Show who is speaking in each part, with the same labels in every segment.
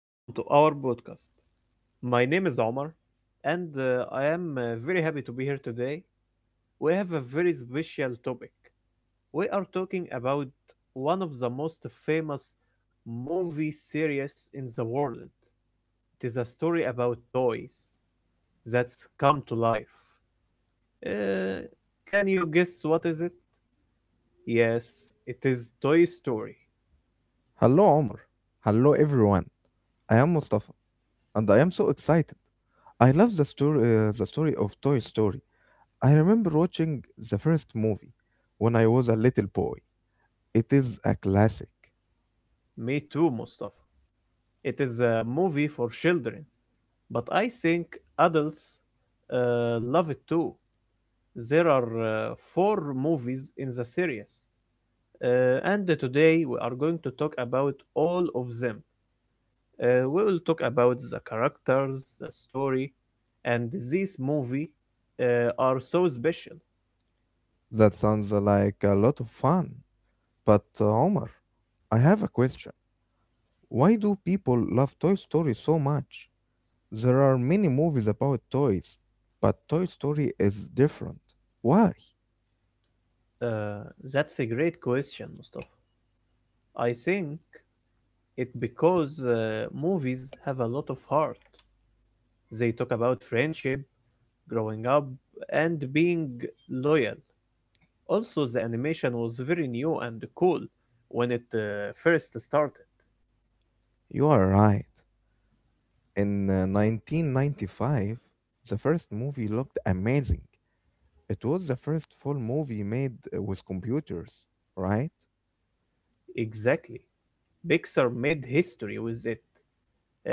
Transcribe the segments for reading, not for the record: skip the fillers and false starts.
Speaker 1: Welcome to our podcast. My name is Omar, and I am very happy to be here today. We have a very special topic. We are talking about one of the most famous movie series in the world. It is a story about toys that's come to life. Uh, can you guess what is it? Yes, it is Toy Story.
Speaker 2: Hello, Omar. Hello, everyone. I am Mustafa, and I am so excited. I love the story of Toy Story. I remember watching the first movie when I was a little boy. It is a classic.
Speaker 1: Me too, Mustafa. It is a movie for children. But I think adults love it too. There are four movies in the series, and today we are going to talk about all of them. We will talk about the characters, the story, and this movie are so special.
Speaker 2: That sounds like a lot of fun. But Omar, I have a question. Why do people love Toy Story so much? There are many movies about toys, but Toy Story is different. Why?
Speaker 1: Uh, that's a great question, Mustafa. I think it because movies have a lot of heart. They talk about friendship, growing up, and being loyal. Also, the animation was very new and cool when it first started.
Speaker 2: You are right. In 1995, the first movie looked amazing. It was the first full movie made with computers, right?
Speaker 1: Exactly. Pixar made history with it.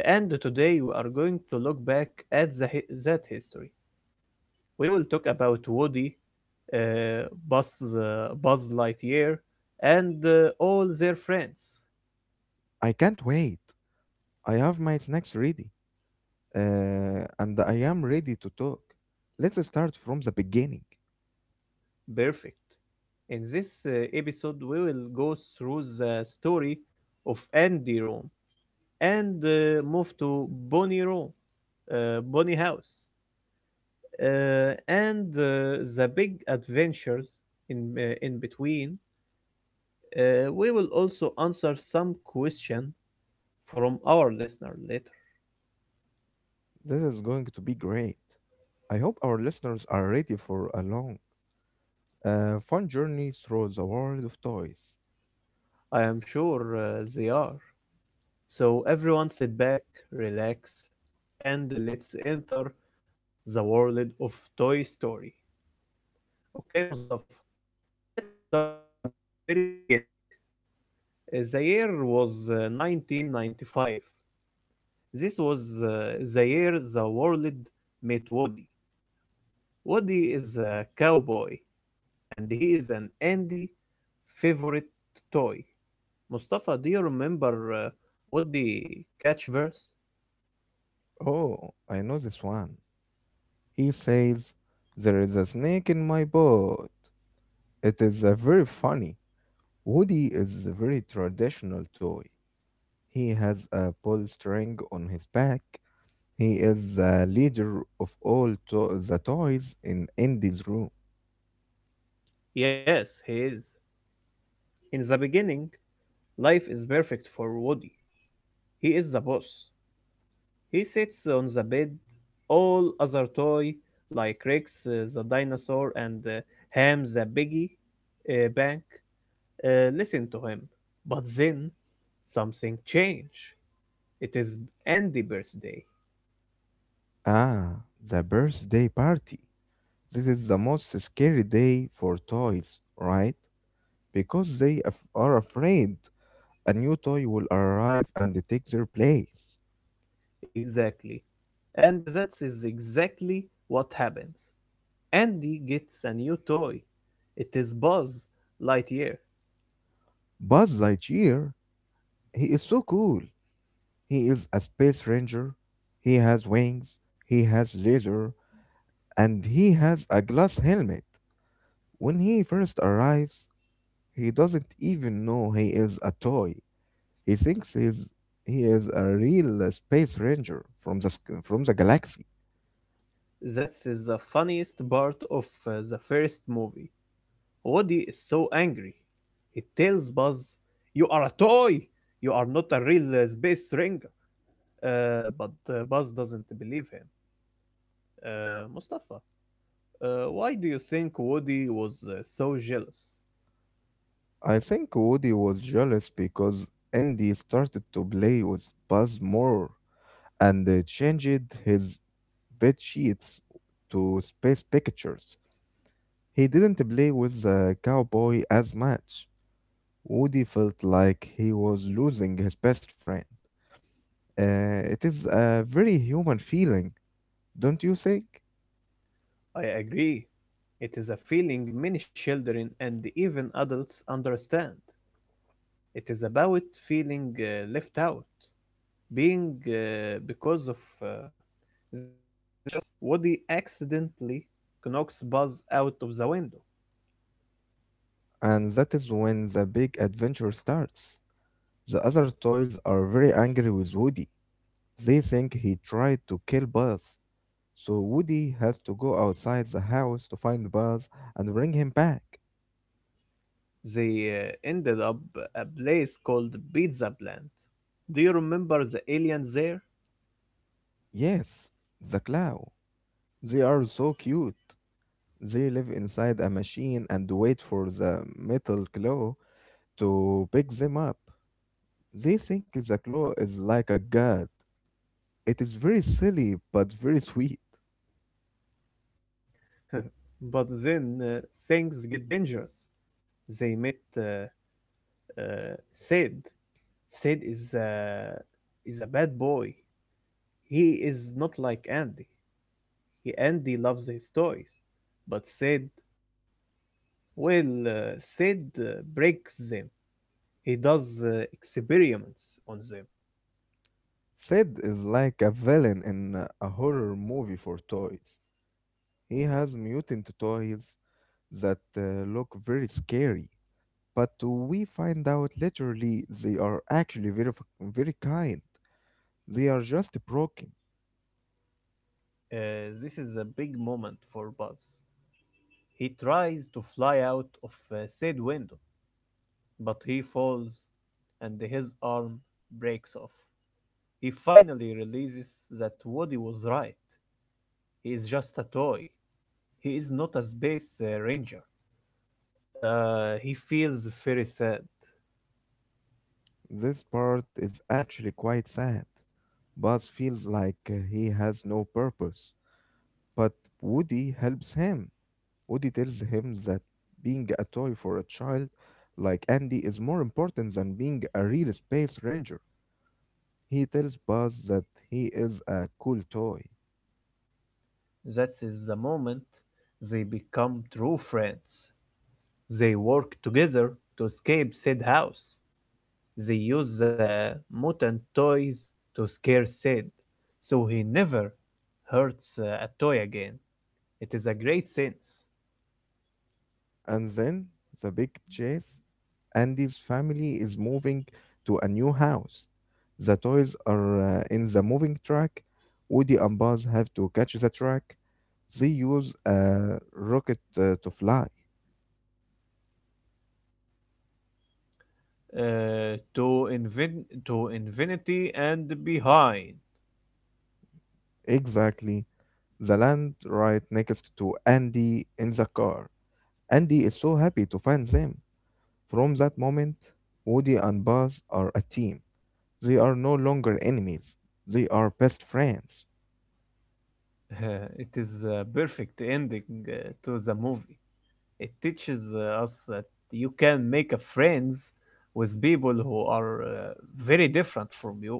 Speaker 1: And today we are going to look back at that history. We will talk about Woody, Buzz Lightyear, and all their friends.
Speaker 2: I can't wait. I have my snacks ready, and I am ready to talk. Let's start from the beginning.
Speaker 1: Perfect. In this episode, we will go through the story of Andy Rome and move to Bonnie House, and the big adventures in between. We will also answer some question from our listener later.
Speaker 2: This is going to be great. I hope our listeners are ready for a long, fun journey through the world of toys.
Speaker 1: I am sure they are. So everyone, sit back, relax, and let's enter the world of Toy Story. Okay, Mustafa. Let's start at the very beginning. The year was 1995. This was the year the world met Woody. Woody is a cowboy, and he is an Andy favorite toy. Mustafa, do you remember Woody catch verse?
Speaker 2: Oh, I know this one. He says, "There is a snake in my boat." It is a very funny. Woody is a very traditional toy. He has a pull string on his back. He is the leader of the toys in Andy's room.
Speaker 1: Yes, he is. In the beginning, life is perfect for Woody. He is the boss. He sits on the bed. All other toy, like Rex the dinosaur and Ham the piggy bank, listened to him. But then something changed. It is Andy's birthday.
Speaker 2: Ah, the birthday party. This is the most scary day for toys, right? Because they are afraid a new toy will arrive and take their place.
Speaker 1: Exactly. And that is exactly what happens. Andy gets a new toy. It is Buzz Lightyear.
Speaker 2: Buzz Lightyear, he is so cool. He is a space ranger. He has wings, he has laser, and he has a glass helmet. When he first arrives, he doesn't even know he is a toy. He thinks he's, he is a real space ranger from from the galaxy.
Speaker 1: That is the funniest part of the first movie. Woody is so angry. He tells Buzz, "You are a toy! You are not a real space ranger." But Buzz doesn't believe him. Mustafa, why do you think Woody was so jealous?
Speaker 2: I think Woody was jealous because Andy started to play with Buzz more and changed his bed sheets to space pictures. He didn't play with the cowboy as much. Woody felt like he was losing his best friend. It is a very human feeling, don't you think?
Speaker 1: I agree. It is a feeling many children and even adults understand. It is about feeling left out. Being because of uh, this jealous, Woody accidentally knocks Buzz out of the window.
Speaker 2: And that is when the big adventure starts. The other toys are very angry with Woody. They think he tried to kill Buzz. So Woody has to go outside the house to find Buzz and bring him back.
Speaker 1: They ended up a place called Pizza Plant. Do you remember the aliens there?
Speaker 2: Yes, the clown. They are so cute. They live inside a machine and wait for the metal claw to pick them up. They think the claw is like a god. It is very silly but very sweet.
Speaker 1: But then things get dangerous. They met uh, Sid. Sid is a bad boy. He is not like Andy. Andy loves his toys, but Sid, well, Sid breaks them. He does experiments on them.
Speaker 2: Sid is like a villain in a horror movie for toys. He has mutant toys that look very scary, but we find out literally they are actually very kind. They are just broken.
Speaker 1: This is a big moment for Buzz. He tries to fly out of said window, but he falls and his arm breaks off. He finally realizes that Woody was right. He is just a toy. He is not a space ranger. He feels very sad.
Speaker 2: This part is actually quite sad. Buzz feels like he has no purpose, but Woody helps him. Woody tells him that being a toy for a child like Andy is more important than being a real space ranger. He tells Buzz that he is a cool toy.
Speaker 1: That is the moment they become true friends. They work together to escape Sid house. They use the mutant toys to scare Sid, so he never hurts a toy again. It is a great sense.
Speaker 2: And then the big chase. Andy's family is moving to a new house. The toys are in the moving truck. Woody and Buzz have to catch the truck. They use a rocket to fly.
Speaker 1: To infinity and behind.
Speaker 2: Exactly. The land right next to Andy in the car. Andy is so happy to find them. From that moment, Woody and Buzz are a team. They are no longer enemies, they are best friends.
Speaker 1: It is a perfect ending uh, to the movie. It teaches us that you can make a friends with people who are very different from you.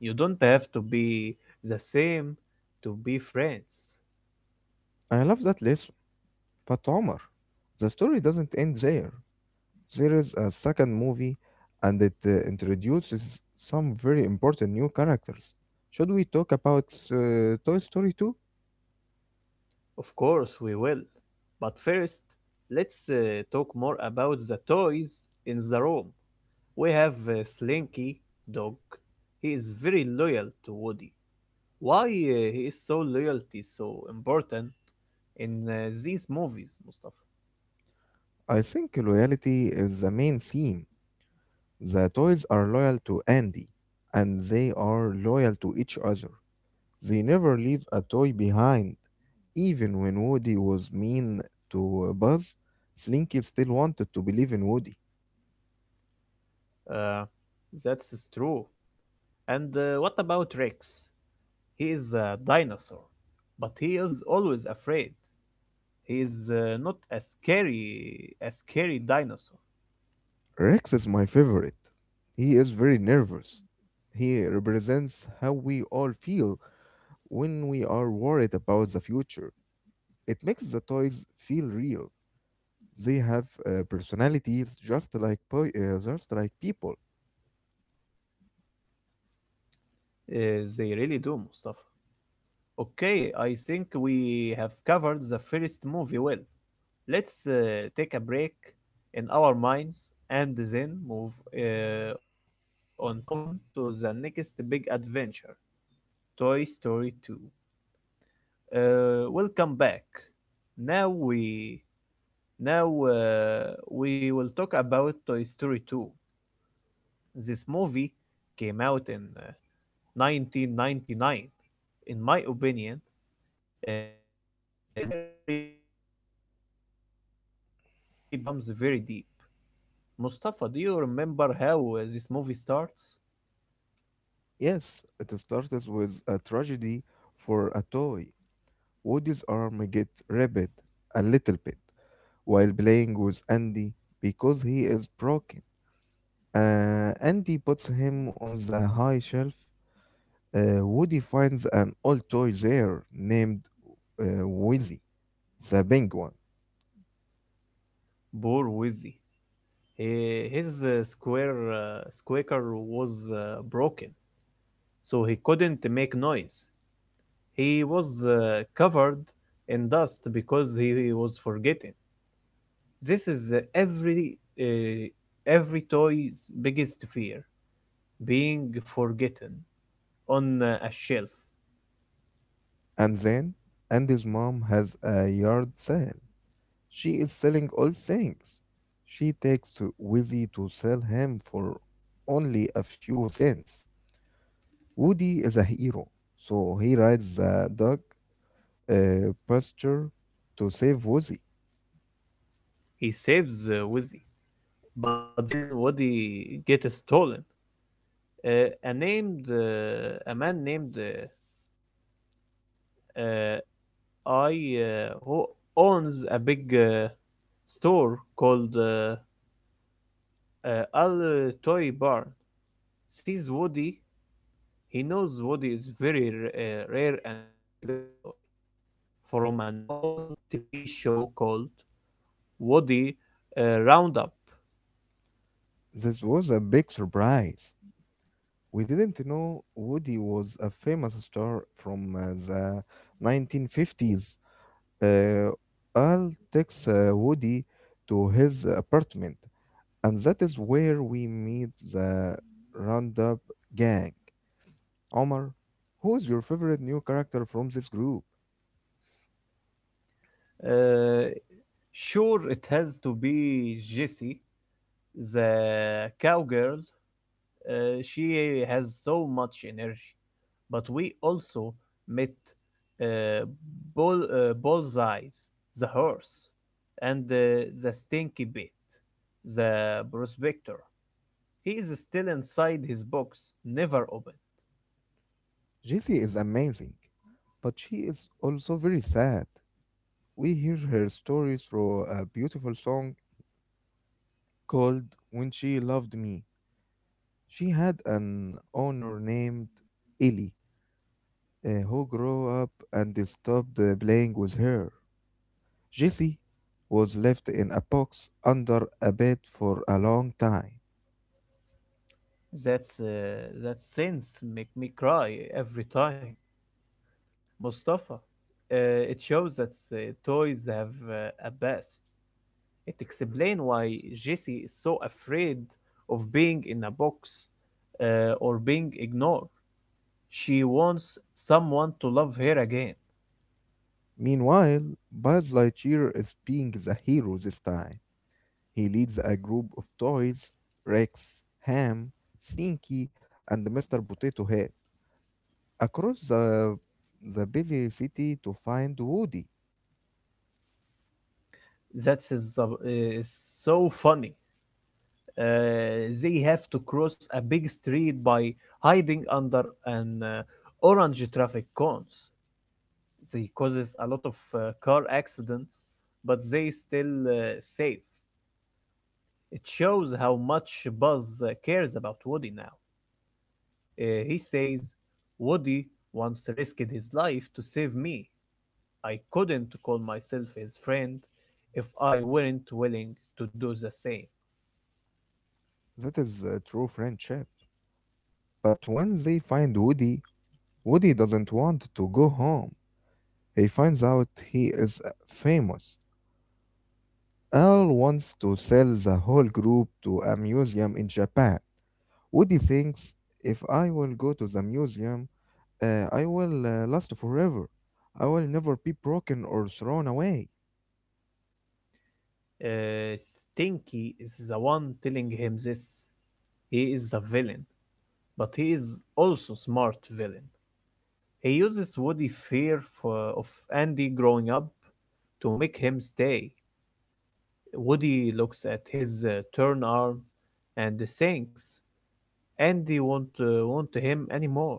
Speaker 1: You don't have to be the same to be friends.
Speaker 2: I love that lesson, but Omar, the story doesn't end there. There is a second movie, and it introduces some very important new characters. Should we talk about Toy Story 2?
Speaker 1: Of course, we will. But first, let's talk more about the toys in the room. We have Slinky Dog. He is very loyal to Woody. Why he is so loyalty so important in these movies, Mustafa?
Speaker 2: I think loyalty is the main theme. The toys are loyal to Andy, and they are loyal to each other. They never leave a toy behind. Even when Woody was mean to Buzz, Slinky still wanted to believe in Woody.
Speaker 1: Uh, that's true. And what about Rex? He is a dinosaur, but he is always afraid. He is not a scary dinosaur.
Speaker 2: Rex is my favorite. He is very nervous. He represents how we all feel when we are worried about the future. It makes the toys feel real. They have personalities just like just like people.
Speaker 1: They really do, Mustafa. Okay, I think we have covered the first movie well. Let's take a break in our minds and then uh, on move on to the next big adventure, Toy Story 2. Welcome back. Now we now uh, we will talk about Toy Story 2. This movie came out in 1999. In my opinion, this is where the story becomes very deep. Mustafa, do you remember how this movie starts?
Speaker 2: Yes, it starts with a tragedy for a toy. Woody's arm gets ripped a little bit while playing with Andy because he is broken. Andy puts him on the high shelf. Woody finds an old toy there named Wheezy, the penguin.
Speaker 1: Poor Wizzy. His square squeaker was broken, so he couldn't make noise. He was covered in dust because he was forgetting. This is every toy's biggest fear: being forgotten on a shelf.
Speaker 2: And then Andy's mom has a yard sale. She is selling all things. She takes to Wheezy to sell him for only a few cents. Woody is a hero, so he rides the dog pasture to save Woozy.
Speaker 1: He saves Wizzy, but then Woody gets stolen. A man named uh, I, who owns a big store called Al Toy Barn, sees Woody. He knows Woody is very rare and expensive toy from an old TV show called Woody Roundup.
Speaker 2: This was a big surprise. We didn't know Woody was a famous star from the 1950s. Uh, Al takes Woody to his apartment, and that is where we meet the Roundup gang. Omar, who is your favorite new character from this group?
Speaker 1: Uh, sure, it has to be Jesse, the cowgirl, she has so much energy. But we also met uh, Bullseyes, the horse, and the stinky bit, the prospector. He is still inside his box, never open.
Speaker 2: Jessie is amazing, but she is also very sad. We hear her story through a beautiful song called "When She Loved Me." She had an owner named Ellie, who grew up and stopped playing with her. Jesse was left in a box under a bed for a long time.
Speaker 1: That's uh, that sense make me cry every time. Mustafa, it shows that toys have a past. It explains why Jessie is so afraid of being in a box or being ignored. She wants someone to love her again.
Speaker 2: Meanwhile, Buzz Lightyear is being the hero this time. He leads a group of toys, Rex, Ham, Slinky, and Mr. Potato Head, across the busy city to find Woody.
Speaker 1: That is so funny. They have to cross a big street by hiding under an orange traffic cones. They causes a lot of car accidents, but they still safe. It shows how much Buzz cares about Woody now. He says, "Woody once risked his life to save me. I couldn't call myself his friend if I weren't willing to do the same."
Speaker 2: That is a true friendship. But when they find Woody, Woody doesn't want to go home. He finds out he is famous. Al wants to sell the whole group to a museum in Japan. Woody thinks if I will go to the museum, I will last forever. I will never be broken or thrown away.
Speaker 1: Stinky is the one telling him this. He is a villain, but he is also smart villain. He uses Woody's fear of Andy growing up to make him stay. Woody looks at his torn arm and thinks Andy won't want him anymore.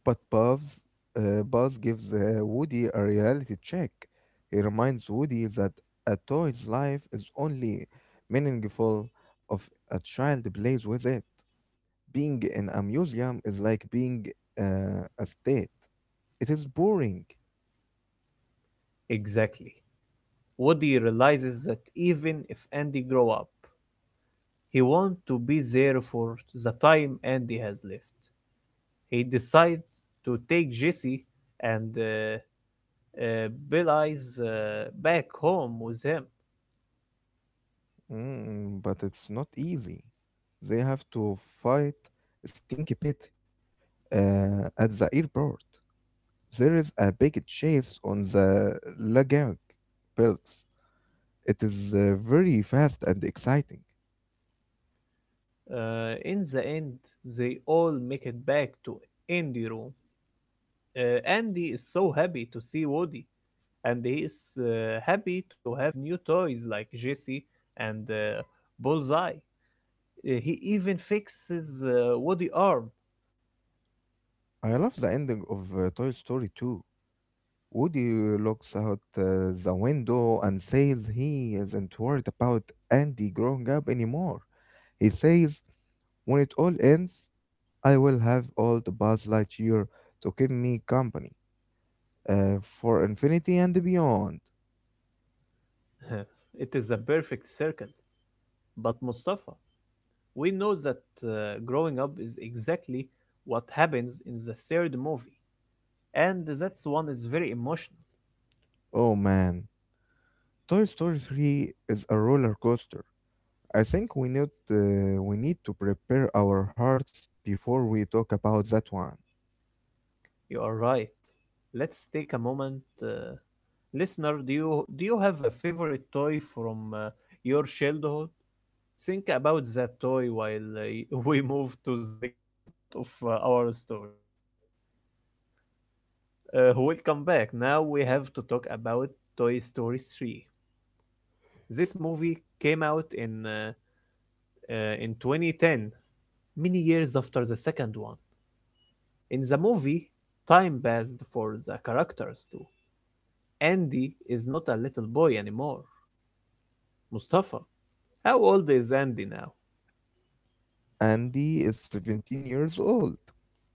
Speaker 2: But Buzz gives Woody a reality check. He reminds Woody that a toy's life is only meaningful if a child plays with it. Being in a museum is like being a state. It is boring.
Speaker 1: Exactly. Woody realizes that even if Andy grow up, he want to be there for the time Andy has left. He decides to take Jesse and Billy's back home with him.
Speaker 2: Mm, but it's not easy. They have to fight Stinky Pit at the airport. There is a big chase on the Lagag belts. It is very fast and exciting.
Speaker 1: In the end, they all make it back to Andy room. Andy is so happy to see Woody, and he is happy to have new toys like Jesse and Bullseye. He even fixes Woody arm.
Speaker 2: I love the ending of Toy Story 2. Woody looks out the window and says he isn't worried about Andy growing up anymore. He says, "When it all ends, I will have all the Buzz Lightyear to keep me company for infinity and beyond."
Speaker 1: It is a perfect circle. But Mustafa, we know that growing up is exactly what happens in the third movie, and that's one is very emotional.
Speaker 2: Oh man, Toy Story 3 is a roller coaster. I think we need to prepare our hearts before we talk about that one.
Speaker 1: You are right. Let's take a moment, listener. Do you have a favorite toy from your childhood? Think about that toy while we move to the next part of our story. Welcome back. Now we have to talk about Toy Story 3. This movie came out in 2010, many years after the second one. In the movie, time passed for the characters too. Andy is not a little boy anymore. Mustafa, how old is Andy now?
Speaker 2: Andy is 17 years old.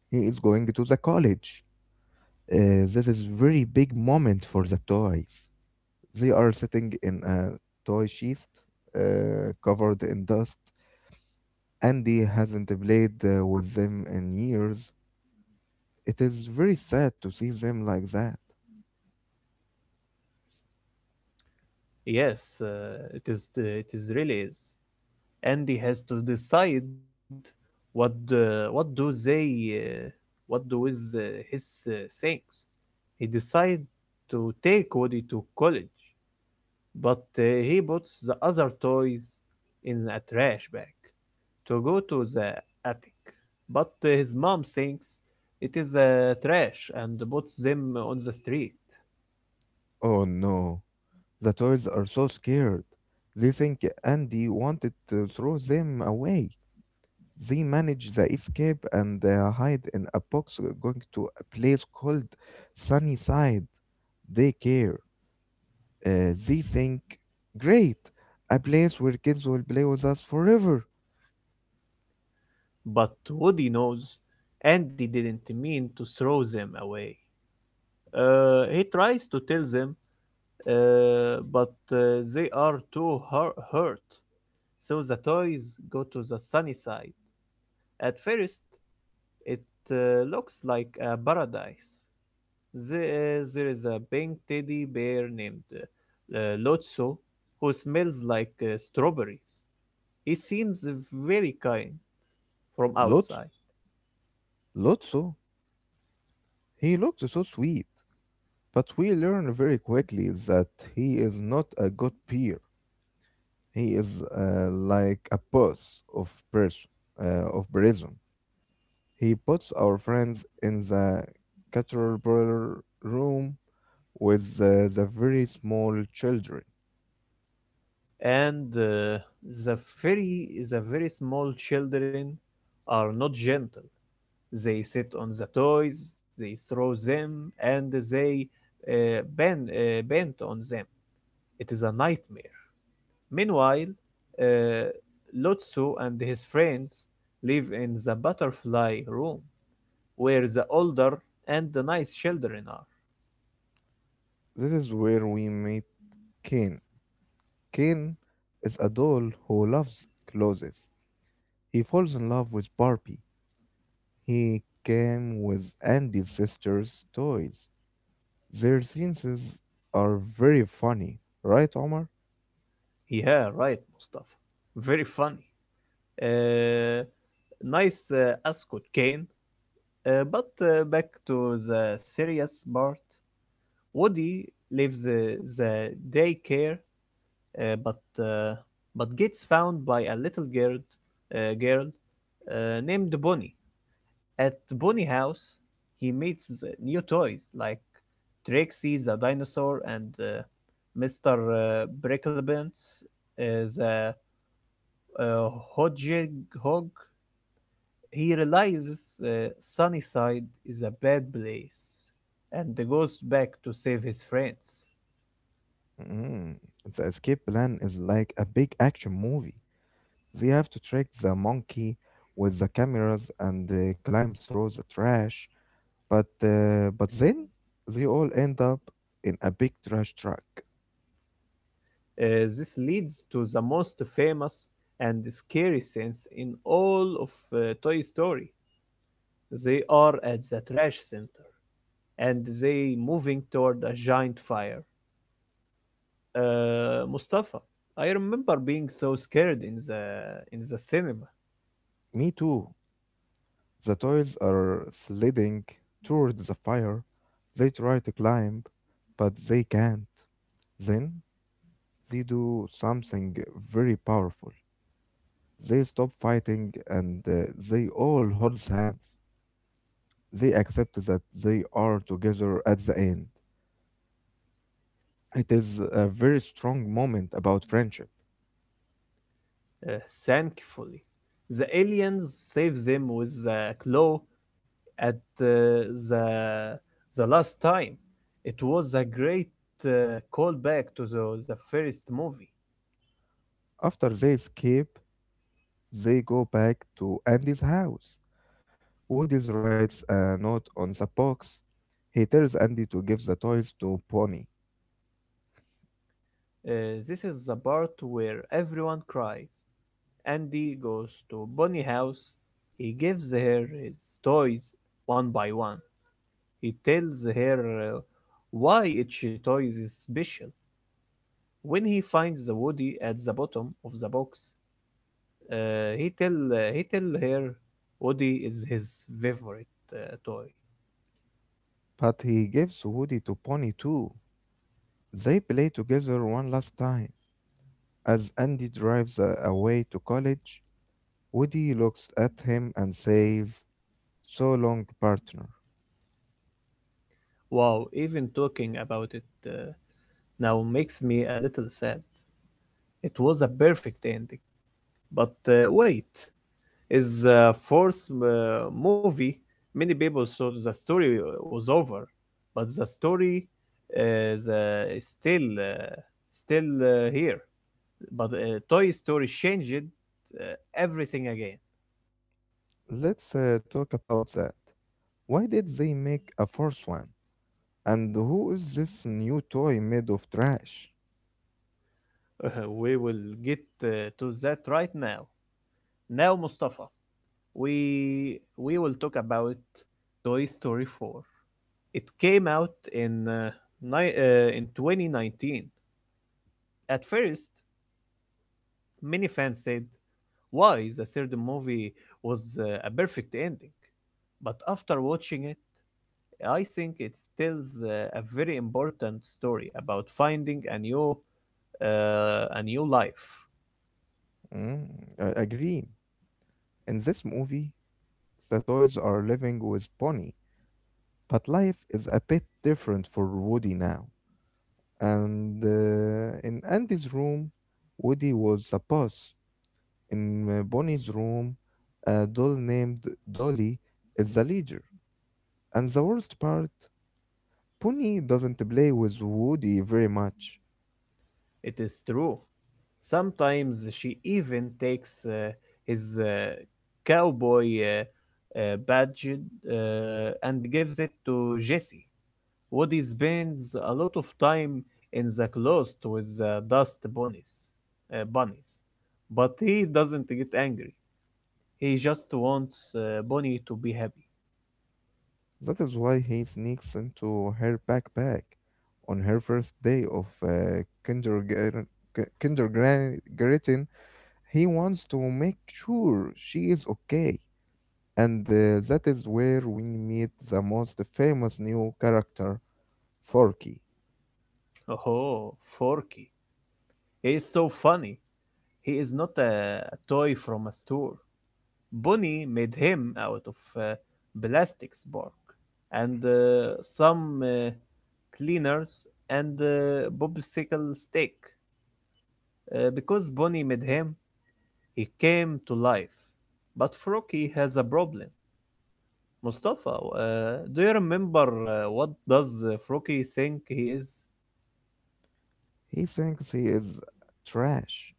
Speaker 2: He is going to the college. This is very big moment for the toys. They are sitting in a toy chest covered in dust. Andy hasn't played with them in years. It is very sad to see them like that.
Speaker 1: Yes, it is. It is really is. Andy has to decide what the, what do they what do with his things. He decides to take Woody to college, but he puts the other toys in a trash bag to go to the attic. But his mom thinks it is trash and puts them on the street.
Speaker 2: Oh no, the toys are so scared. They think Andy wanted to throw them away. They manage the escape and hide in a box going to a place called Sunnyside Daycare. They think, great, a place where kids will play with us forever.
Speaker 1: But Woody knows Andy didn't mean to throw them away. He tries to tell them but they are too hurt. So the toys go to the sunny side. At first, it looks like a paradise. There is a pink teddy bear named Lotso who smells like strawberries. He seems very kind from
Speaker 2: Lot-
Speaker 1: outside.
Speaker 2: Lotso, he looks so sweet. But we learn very quickly that he is not a good peer. He is like a boss of person, of prison. He puts our friends in the cathedral room with the very small children.
Speaker 1: And the very small children are not gentle. They sit on the toys, they throw them, and they bend on them. It is a nightmare. Meanwhile, uh, Lotso and his friends live in the butterfly room, where the older and the nice children are.
Speaker 2: This is where we meet Ken. Ken is a doll who loves clothes. He falls in love with Barbie. He came with Andy's sister's toys. Their scenes are very funny, right, Omar?
Speaker 1: Yeah, right, Mustafa. Very funny. Uh, nice ascot cane. But back to the serious part. Woody leaves the daycare. Uh, but uh, but gets found by a little girl uh, girl named Bonnie. At Bonnie house, he meets new toys like Trixie the dinosaur and Mr. Bricklebens is a hodgehog. He realizes Sunnyside is a bad place and goes back to save his friends.
Speaker 2: Mm. The escape plan is like a big action movie. They have to track the monkey with the cameras and they climb through the trash. But then they all end up in a big trash truck.
Speaker 1: This leads to the most famous and scary scenes in all of Toy Story. They are at the trash center and they moving toward a giant fire. Mustafa, I remember being so scared in the cinema.
Speaker 2: Me too. The toys are sliding toward the fire. They try to climb, but they can't. Then they do something very powerful. They stop fighting and they all hold hands. They accept that they are together at the end. It is a very strong moment about friendship.
Speaker 1: Uh, Thankfully, the aliens save them with a claw at uh, the the last time. It was a great callback to the first movie.
Speaker 2: After they escape, they go back to Andy's house. Woody writes a note on the box. He tells Andy to give the toys to Bonnie.
Speaker 1: This is the part where everyone cries. Andy goes to Bonnie's house. He gives her his toys one by one. He tells her why each toy is special. When he finds the Woody at the bottom of the box, he tell her Woody is his favorite toy.
Speaker 2: But he gives Woody to Pony too. They play together one last time. As Andy drives away to college, Woody looks at him and says, "So long, partner."
Speaker 1: Wow, even talking about it now makes me a little sad. It was a perfect ending. But wait, is the fourth movie? Many people thought the story was over, but the story is still here. But Toy Story changed uh, everything again.
Speaker 2: Let's talk about that. Why did they make a fourth one? And who is this new toy made of trash?
Speaker 1: We will get to that right now. Now, Mustafa. We will talk about Toy Story 4. It came out in 2019. At first, many fans said, "Why the third movie was a perfect ending?" But after watching it, I think it tells a very important story about finding a new life.
Speaker 2: Mm, I agree. In this movie, the toys are living with Bonnie, but life is a bit different for Woody now. And in Andy's room, Woody was the boss. In Bonnie's room, a doll named Dolly is the leader. And the worst part, Bonnie doesn't play with Woody very much.
Speaker 1: It is true. Sometimes she even takes his cowboy badge uh, and gives it to Jesse. Woody spends a lot of time in the closet with dust bunnies, but he doesn't get angry. He just wants Bonnie to be happy.
Speaker 2: That is why he sneaks into her backpack on her first day of kindergarten. Kindergarten, he wants to make sure she is okay, and that is where we meet the most famous new character, Forky.
Speaker 1: Oh, Forky. He is so funny. He is not a toy from a store. Bunny made him out of plastics bark and some cleaners and popsicle stick. Because Bonnie made him, he came to life. But Froki has a problem. Mustafa, do you remember what does Froki think he is?
Speaker 2: He thinks he is trash.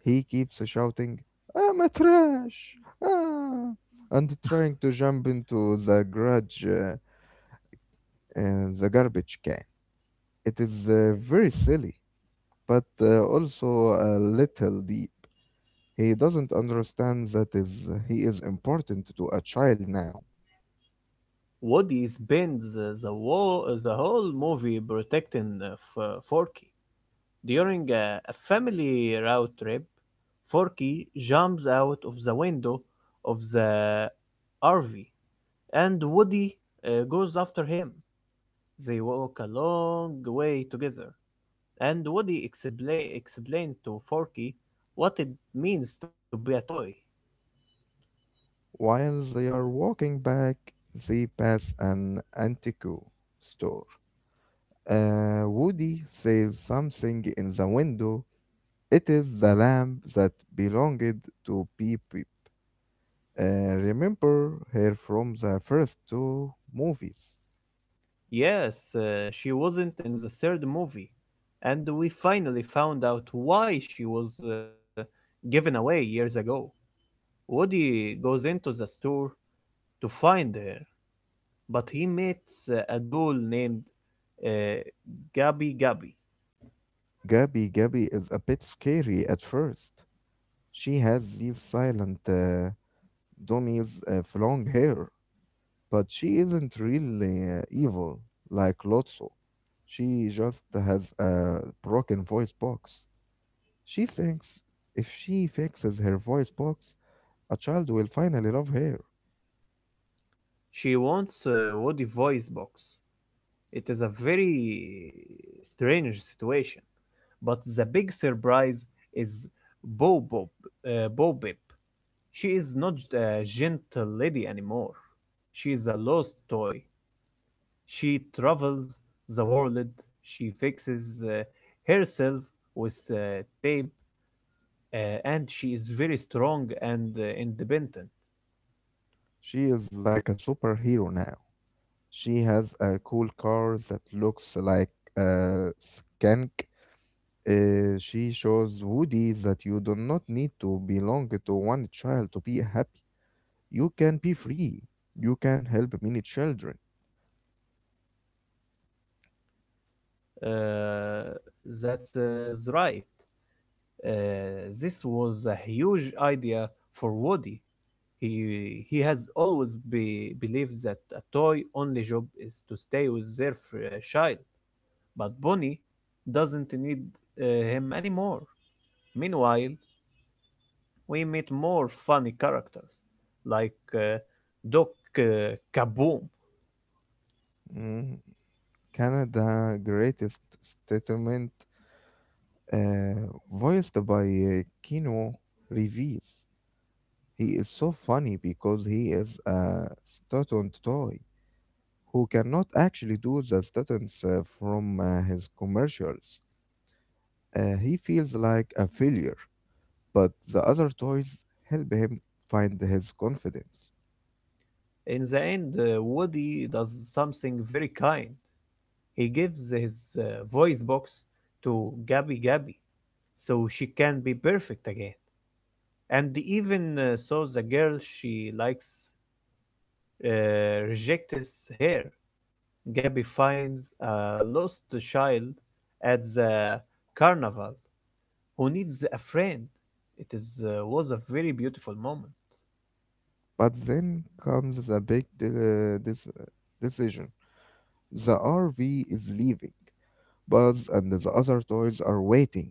Speaker 2: He keeps shouting, "I'm a trash!" Ah! And trying to jump into the the garbage can. It is very silly, but also a little deep. He doesn't understand that is he is important to a child now.
Speaker 1: Woody spends the whole movie protecting Forky. During a family road trip, Forky jumps out of the window of the RV, and Woody goes after him. They walk a long way together, and Woody explained to Forky what it means to be a toy.
Speaker 2: While they are walking back, they pass an antique store. Woody says something in the window. It is the lamp that belonged to Pepe. Remember her from the first two movies.
Speaker 1: Yes, she wasn't in the third movie, and we finally found out why she was given away years ago. Woody goes into the store to find her, but he meets a doll named uh, Gabi Gabi.
Speaker 2: Gabby Gabby is a bit scary at first. She has these silent dummies of long hair, but she isn't really evil like Lotso. She just has a broken voice box. She thinks if she fixes her voice box, a child will finally love her.
Speaker 1: She wants a Woody voice box. It is a very strange situation, but the big surprise is Bo Bob, Bo Bip. She is not a gentle lady anymore. She is a lost toy. She travels the world, she fixes herself with tape, uh, and she is very strong and independent.
Speaker 2: She is like a superhero now. She has a cool car that looks like a skank. She shows Woody that you do not need to belong to one child to be happy. You can be free. You can help many children.
Speaker 1: Uh, that's right. Uh, this was a huge idea for Woody. He has always believed that a toy only job is to stay with their child, but Bonnie doesn't need him anymore. Meanwhile, we meet more funny characters like Doc Kaboom.
Speaker 2: Mm, Canada greatest statement uh, voiced by Kino Reeves. He is so funny because he is a stunt toy who cannot actually do the stunts from his commercials. He feels like a failure, but the other toys help him find his confidence.
Speaker 1: In the end, Woody does something very kind. He gives his voice box to Gabby Gabby so she can be perfect again. And even so, the girl she likes rejects her. Gabby finds a lost child at the carnival who needs a friend. It is was a very beautiful moment.
Speaker 2: But then comes the big decision. The RV is leaving. Buzz and the other toys are waiting.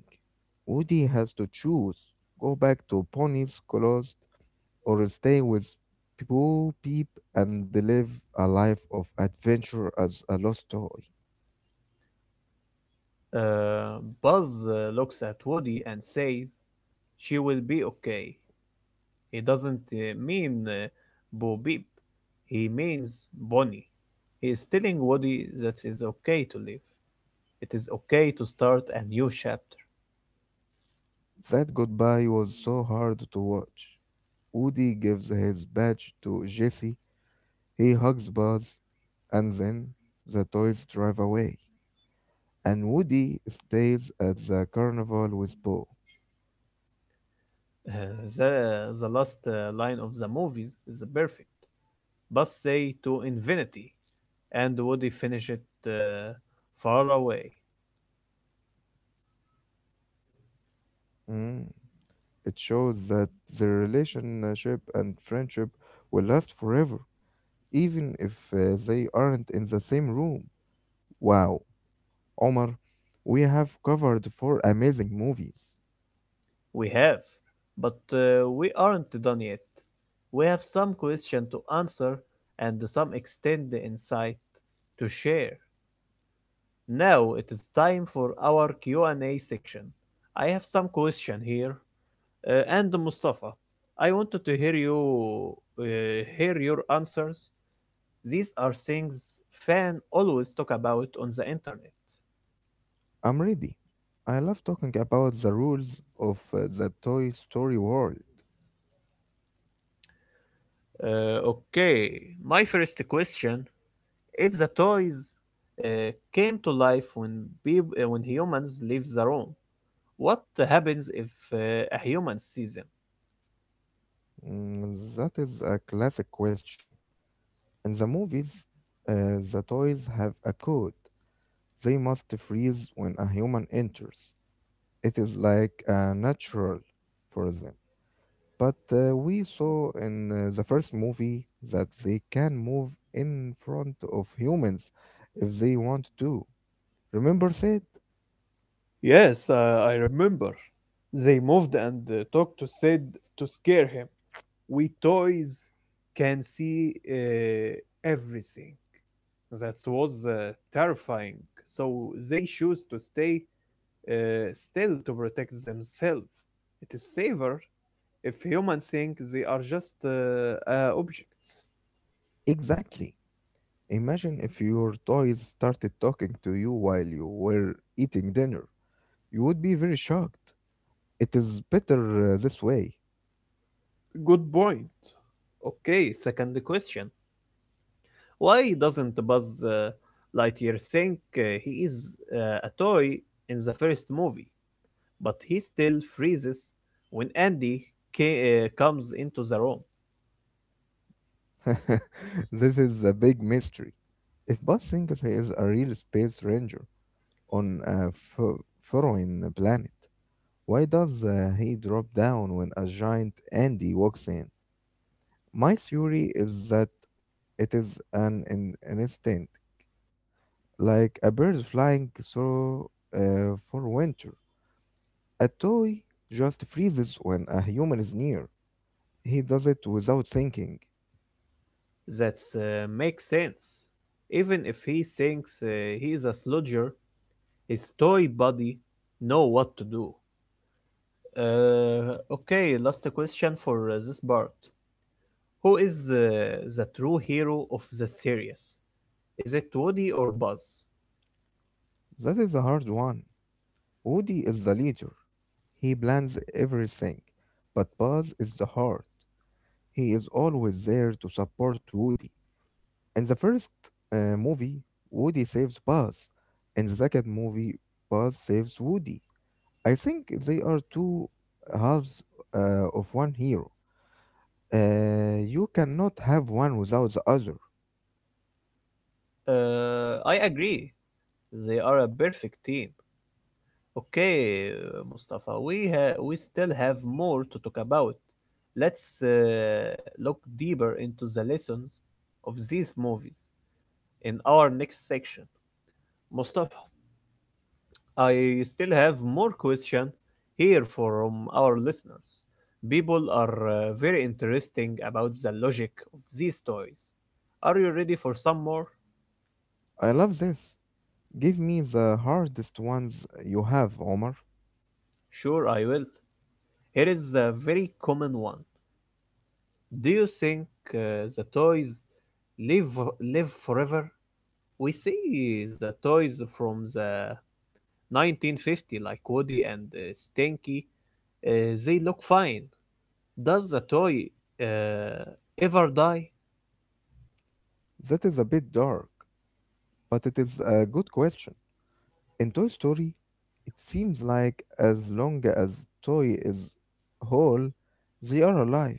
Speaker 2: Woody has to choose: go back to Pony's Closed or stay with Bo Peep and live a life of adventure as a lost toy.
Speaker 1: Uh, Buzz looks at Woody and says, "She will be okay." He doesn't mean Bo Peep. He means Bonnie. He is telling Woody that it is okay to live. It is okay to start a new chapter.
Speaker 2: That goodbye was so hard to watch. Woody gives his badge to Jesse, he hugs Buzz, and then the toys drive away. And Woody stays at the carnival with Boo.
Speaker 1: Uh, the last line of the movies is perfect. Buzz say to infinity, and Woody finish it uh, far away.
Speaker 2: It shows that the relationship and friendship will last forever, even if they aren't in the same room. Wow, Omar, we have covered four amazing movies.
Speaker 1: We have, but we aren't done yet. We have some questions to answer and some extended insight to share. Now it is time for our Q&A section. I have some question here, and Mustafa, I wanted to hear your answers. These are things fans always talk about on the internet.
Speaker 2: I'm ready. I love talking about the rules of the Toy Story world.
Speaker 1: Okay, my first question. If the toys came to life when humans leave the room, what happens if a human sees them?
Speaker 2: Mm, that is a classic question. In the movies, the toys have a code. They must freeze when a human enters. It is like a natural for them. But we saw in the first movie that they can move in front of humans if they want to. Remember Sid?
Speaker 1: Yes, I remember. They moved and talked to Sid to scare him. We toys can see everything. That was terrifying. So they choose to stay still to protect themselves. It is safer if humans think they are just objects.
Speaker 2: Exactly. Imagine if your toys started talking to you while you were eating dinner. You would be very shocked. It is better this way.
Speaker 1: Good point. Okay, second question. Why doesn't Buzz Lightyear think he is a toy in the first movie, but he still freezes when Andy comes into the room?
Speaker 2: This is a big mystery. If Buzz thinks he is a real space ranger on a fo- foreign planet, why does he drop down when a giant Andy walks in? My theory is that it is an instinct, like a bird flying through for winter. A toy just freezes when a human is near. He does it without thinking.
Speaker 1: That makes sense. Even if he thinks he is a sludger, his toy body know what to do. Okay, last question for this part. Who is the true hero of the series? Is it Woody or Buzz?
Speaker 2: That is a hard one. Woody is the leader. He plans everything. But Buzz is the heart. He is always there to support Woody. In the first movie, Woody saves Buzz. In the second movie, Buzz saves Woody. I think they are two halves of one hero. You cannot have one without the other.
Speaker 1: I agree. They are a perfect team. Okay, Mustafa, we still have more to talk about. Let's look deeper into the lessons of these movies in our next section. Mustafa, I still have more question here from our listeners. People are very interesting about the logic of these toys. Are you ready for some more?
Speaker 2: I love this. Give me the hardest ones you have, Omar.
Speaker 1: Sure, I will. Here is a very common one. Do you think the toys live live forever? We see the toys from the 1950 like Woody and Stinky. They look fine. Does the toy uh, ever die?
Speaker 2: That is a bit dark, but it is a good question. In Toy Story, it seems like as long as Toy is whole, they are alive.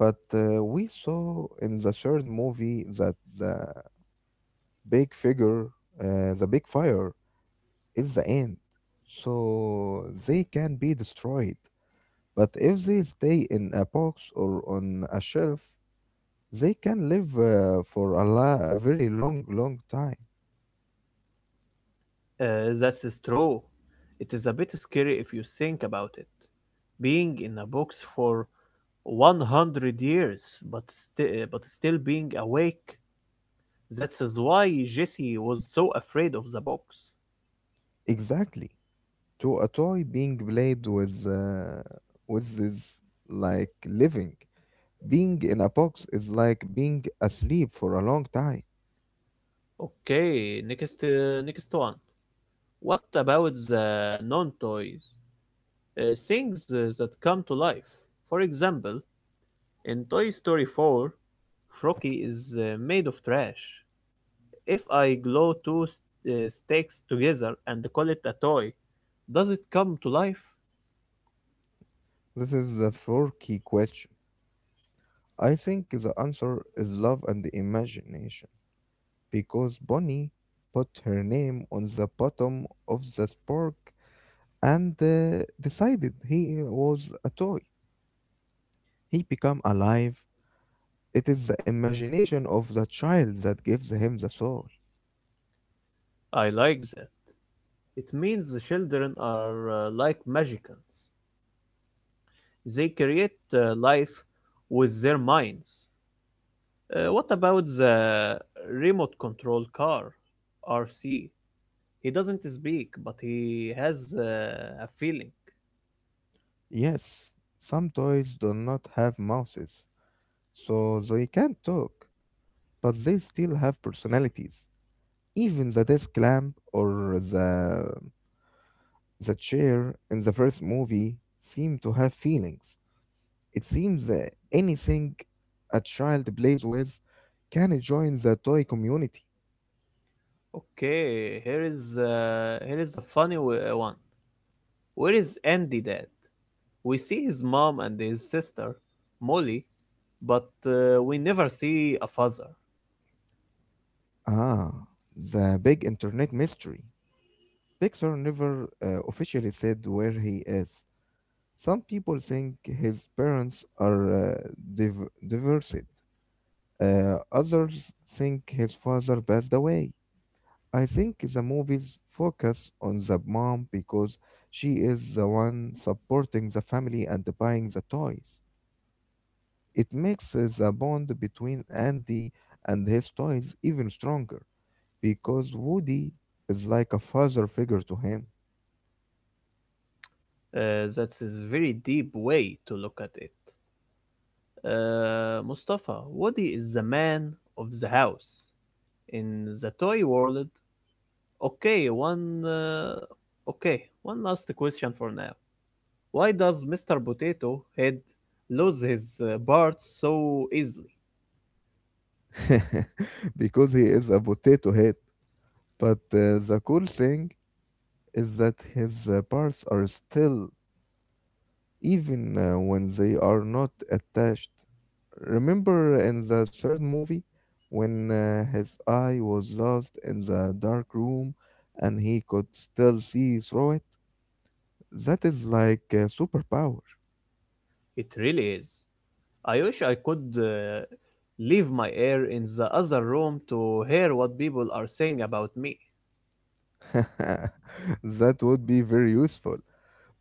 Speaker 2: But we saw in the third movie that the big figure, the big fire, is the end, so they can be destroyed. But if they stay in a box or on a shelf, they can live for a very long time.
Speaker 1: That's true. It is a bit scary if you think about it. Being in a box for 100 years, but, but still being awake. That is why Jesse was so afraid of the box.
Speaker 2: Exactly. To a toy being played with is like living. Being in a box is like being asleep for a long time.
Speaker 1: Okay, next one. What about the non toys? Things that come to life. For example, in Toy Story 4, Frocky is made of trash. If I glue two sticks together and call it a toy, does it come to life?
Speaker 2: This is the four key question. I think the answer is love and imagination. Because Bonnie put her name on the bottom of the spark and decided he was a toy, he became alive. It is the imagination of the child that gives him the soul.
Speaker 1: I like that. It means the children are like magicians. They create life with their minds. What about the remote control car, RC? He doesn't speak, but he has a feeling.
Speaker 2: Yes, some toys do not have mouths, so they can't talk, but they still have personalities. Even the desk lamp or the chair in the first movie seem to have feelings. It seems that anything a child plays with can join the toy community.
Speaker 1: Okay, here is a funny one. Where is Andy, Dad? We see his mom and his sister, Molly, but we never see a father.
Speaker 2: Ah, the big internet mystery. Pixar never officially said where he is. Some people think his parents are divorced. Others think his father passed away. I think the movies focus on the mom because she is the one supporting the family and buying the toys. It makes the bond between Andy and his toys even stronger, because Woody is like a father figure to him.
Speaker 1: That's a very deep way to look at it. Mustafa, Woody is the man of the house. In the toy world, okay, one. Okay, one last question for now. Why does Mr. Potato Head lose his parts so easily?
Speaker 2: Because he is a potato head. But the cool thing is that his parts are still, even when they are not attached. Remember in the third movie when his eye was lost in the dark room and he could still see through it? That is like a superpower.
Speaker 1: It really is. I wish I could leave my air in the other room to hear what people are saying about me.
Speaker 2: That would be very useful,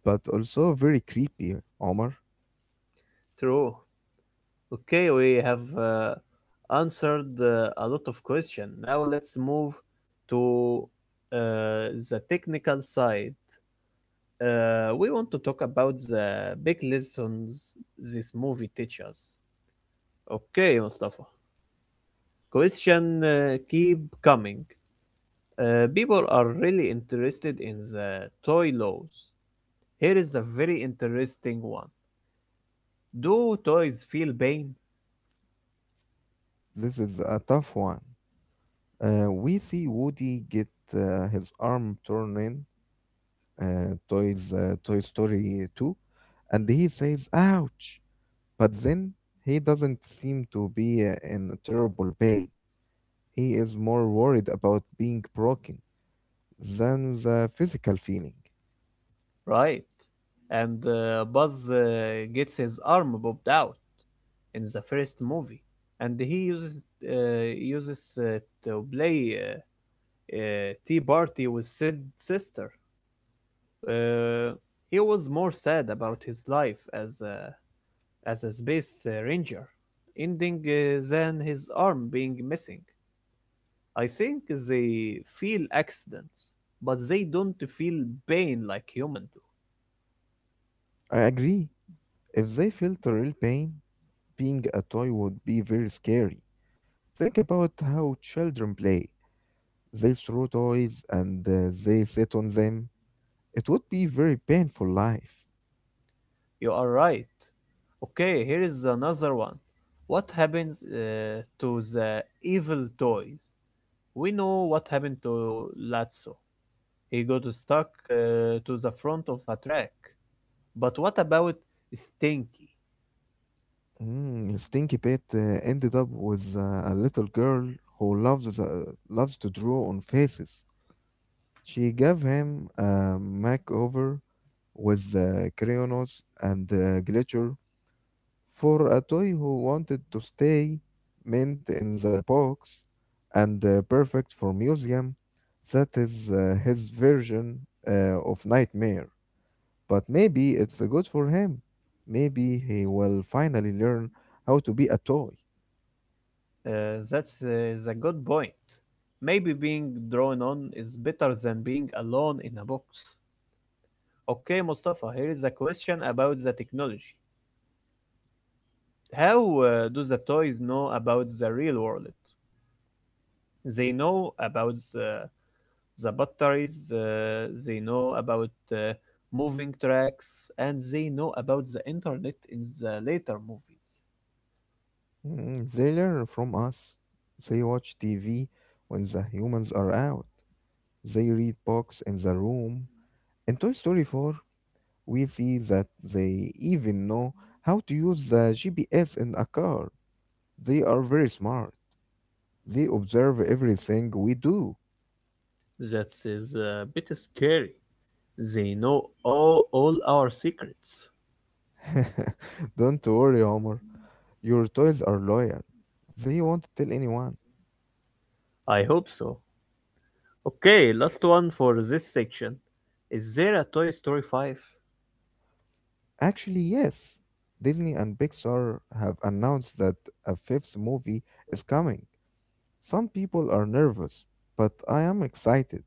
Speaker 2: but also very creepy, Omar.
Speaker 1: True. Okay, we have answered a lot of questions. Now let's move to uh, the technical side. We want to talk about the big lessons this movie teaches. Okay, Mustafa. Question keep coming. People are really interested in the toy laws. Here is a very interesting one. Do toys feel pain?
Speaker 2: This is a tough one. We see Woody get his arm torn in Toy Story 2, and he says, "Ouch!" But then he doesn't seem to be in terrible pain. He is more worried about being broken than the physical feeling.
Speaker 1: Right. And Buzz gets his arm popped out in the first movie, and he uses to play tea party with Sid's sister. Uh, he was more sad about his life as a space ranger, ending than his arm being missing. I think they feel accidents, but they don't feel pain like humans do.
Speaker 2: I agree. If they felt the real pain, being a toy would be very scary. Think about how children play. They throw toys and they sit on them. It would be very painful life.
Speaker 1: You are right. Okay, here is another one. What happens to the evil toys? We know what happened to Lazzo. He got stuck to the front of a track. But what about Stinky?
Speaker 2: Mm, Stinky pet ended up with a little girl who loves to draw on faces. She gave him a makeover with crayons and glitter, for a toy who wanted to stay mint in the box and perfect for museum. That is his version of nightmare. But maybe it's good for him. Maybe he will finally learn how to be a toy.
Speaker 1: Is a good point. Maybe being drawn on is better than being alone in a box. Okay, Mustafa, here is a question about the technology. How do the toys know about the real world? They know about the batteries, they know about moving tracks, and they know about the internet in the later movies.
Speaker 2: Mm, they learn from us. They watch TV when the humans are out. They read books in the room. In Toy Story 4, we see that they even know how to use the GPS in a car. They are very smart. They observe everything we do.
Speaker 1: That is a bit scary. They know all our secrets.
Speaker 2: Don't worry, Homer. Your toys are loyal. They won't tell anyone.
Speaker 1: I hope so. Okay, last one for this section. Is there a Toy Story 5?
Speaker 2: Actually, yes. Disney and Pixar have announced that a fifth movie is coming. Some people are nervous, but I am excited.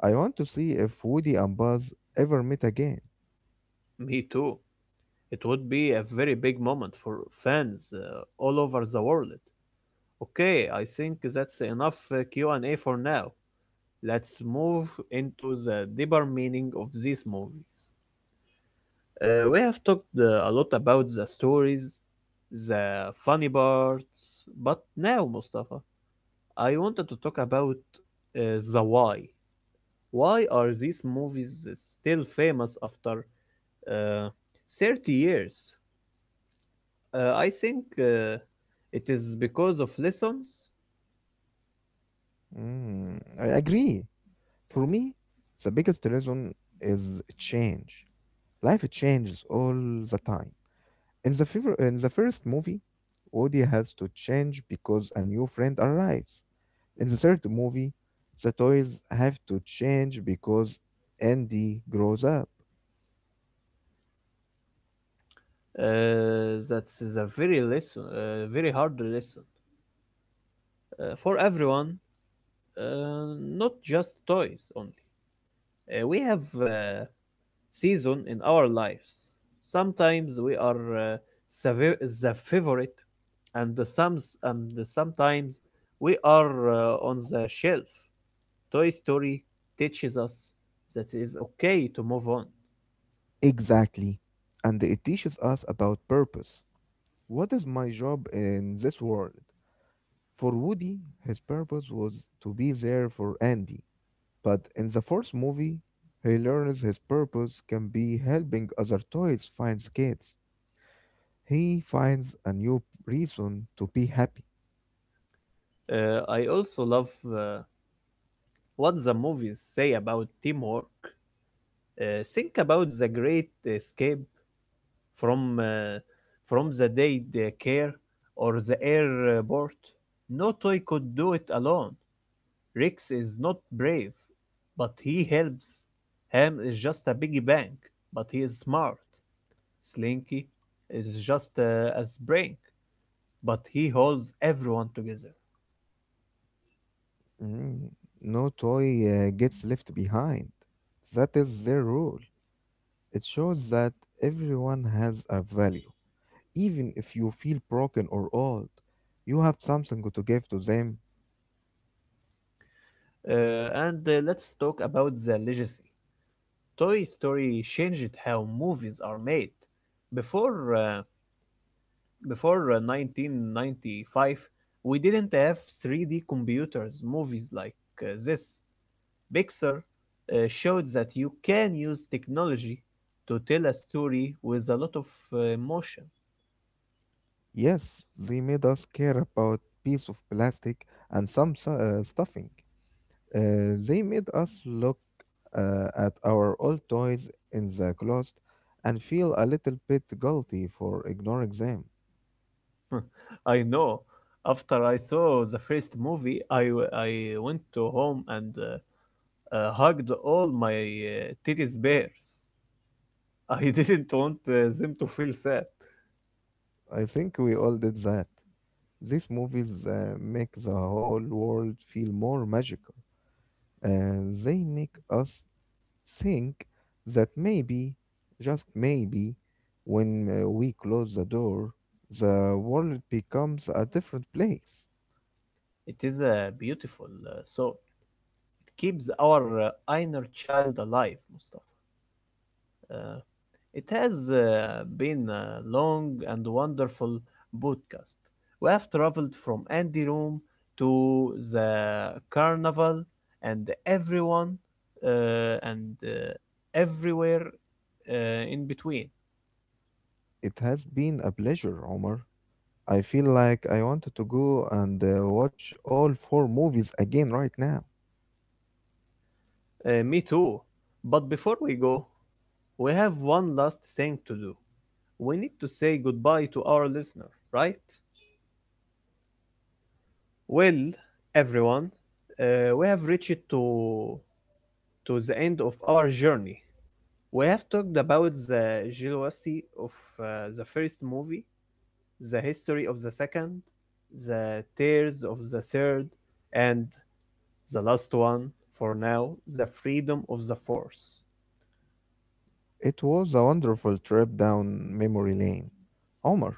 Speaker 2: I want to see if Woody and Buzz ever meet again.
Speaker 1: Me too. It would be a very big moment for fans all over the world. Okay, I think that's enough Q&A for now. Let's move into the deeper meaning of these movies. We have talked a lot about the stories, the funny parts, but now, Mustafa, I wanted to talk about the why. Why are these movies still famous after uh, 30 years? I think it is because of lessons.
Speaker 2: Mm, I agree. For me, the biggest reason is change. Life changes all the time. In the first movie, Woody has to change because a new friend arrives. In the third movie, the toys have to change because Andy grows up.
Speaker 1: That is a very hard lesson for everyone, uh, not just toys only. We have season in our lives. Sometimes we are the favorite, and the some and the sometimes we are on the shelf. Toy Story teaches us that it's okay to move on.
Speaker 2: Exactly. And it teaches us about purpose. What is my job in this world? For Woody, his purpose was to be there for Andy. But in the fourth movie, he learns his purpose can be helping other toys find skates. He finds a new reason to be happy.
Speaker 1: I also love what the movies say about teamwork. Think about the great escape from uh, from the day care or the airport. No toy could do it alone. Rex is not brave, but he helps. Ham is just a big bank, but he is smart. Slinky is just as brain, but he holds everyone together.
Speaker 2: Mm, no toy gets left behind. That is their rule. It shows that everyone has a value. Even if you feel broken or old, you have something to give to them.
Speaker 1: And let's talk about the legacy. Toy Story changed how movies are made. Before uh, before 1995, we didn't have 3D computers movies like this. Pixar showed that you can use technology to tell a story with a lot of emotion.
Speaker 2: Yes, they made us care about piece of plastic and some stuffing. They made us look at our old toys in the closet and feel a little bit guilty for ignoring them.
Speaker 1: I know. After I saw the first movie, I went to home and hugged all my teddy's bears. I didn't want them to feel sad.
Speaker 2: I think we all did that. These movies make the whole world feel more magical. They make us think that maybe, just maybe, when we close the door, the world becomes a different place.
Speaker 1: It is a beautiful song. It keeps our inner child alive, Mustafa. Uh, It has been a long and wonderful podcast. We have traveled from Andy Room to the carnival and everyone and everywhere in between.
Speaker 2: It has been a pleasure, Omar. I feel like I wanted to go and watch all four movies again right now.
Speaker 1: Me too. But before we go, we have one last thing to do. We need to say goodbye to our listener, right? Well, everyone, we have reached to the end of our journey. We have talked about the jealousy of the first movie, the history of the second, the tears of the third, and the last one for now, the freedom of the fourth.
Speaker 2: It was a wonderful trip down memory lane. Omar,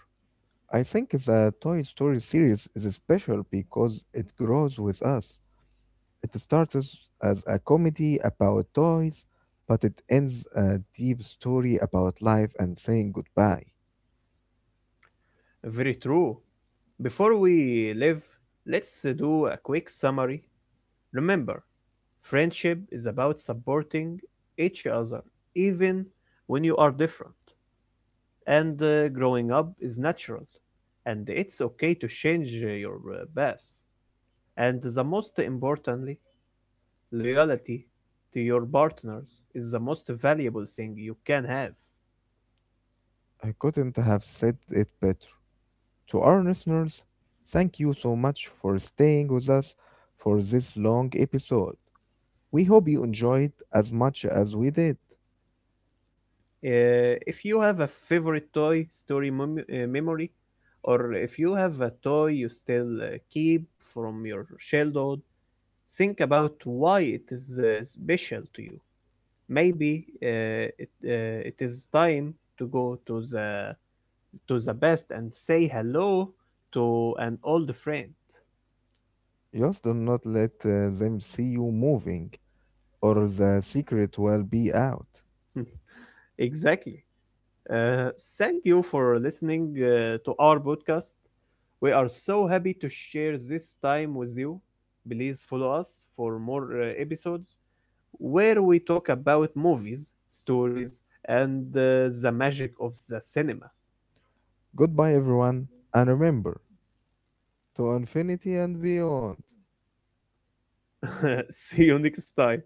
Speaker 2: I think the Toy Story series is special because it grows with us. It starts as a comedy about toys, but it ends a deep story about life and saying goodbye.
Speaker 1: Very true. Before we leave, let's do a quick summary. Remember, friendship is about supporting each other even when you are different. And growing up is natural. And it's okay to change your path. And the most importantly, loyalty to your partners is the most valuable thing you can have.
Speaker 2: I couldn't have said it better. To our listeners, thank you so much for staying with us for this long episode. We hope you enjoyed as much as we did.
Speaker 1: If you have a favorite toy story memory, or if you have a toy you still keep from your childhood, think about why it is special to you. Maybe it is time to go to the best and say hello to an old friend.
Speaker 2: Just do not let them see you moving, or the secret will be out.
Speaker 1: Exactly. Uh, Thank you for listening to our podcast. We are so happy to share this time with you. Please follow us for more episodes where we talk about movies, stories, and the magic of the cinema.
Speaker 2: Goodbye, everyone, and remember, to infinity and beyond.
Speaker 1: See you next time.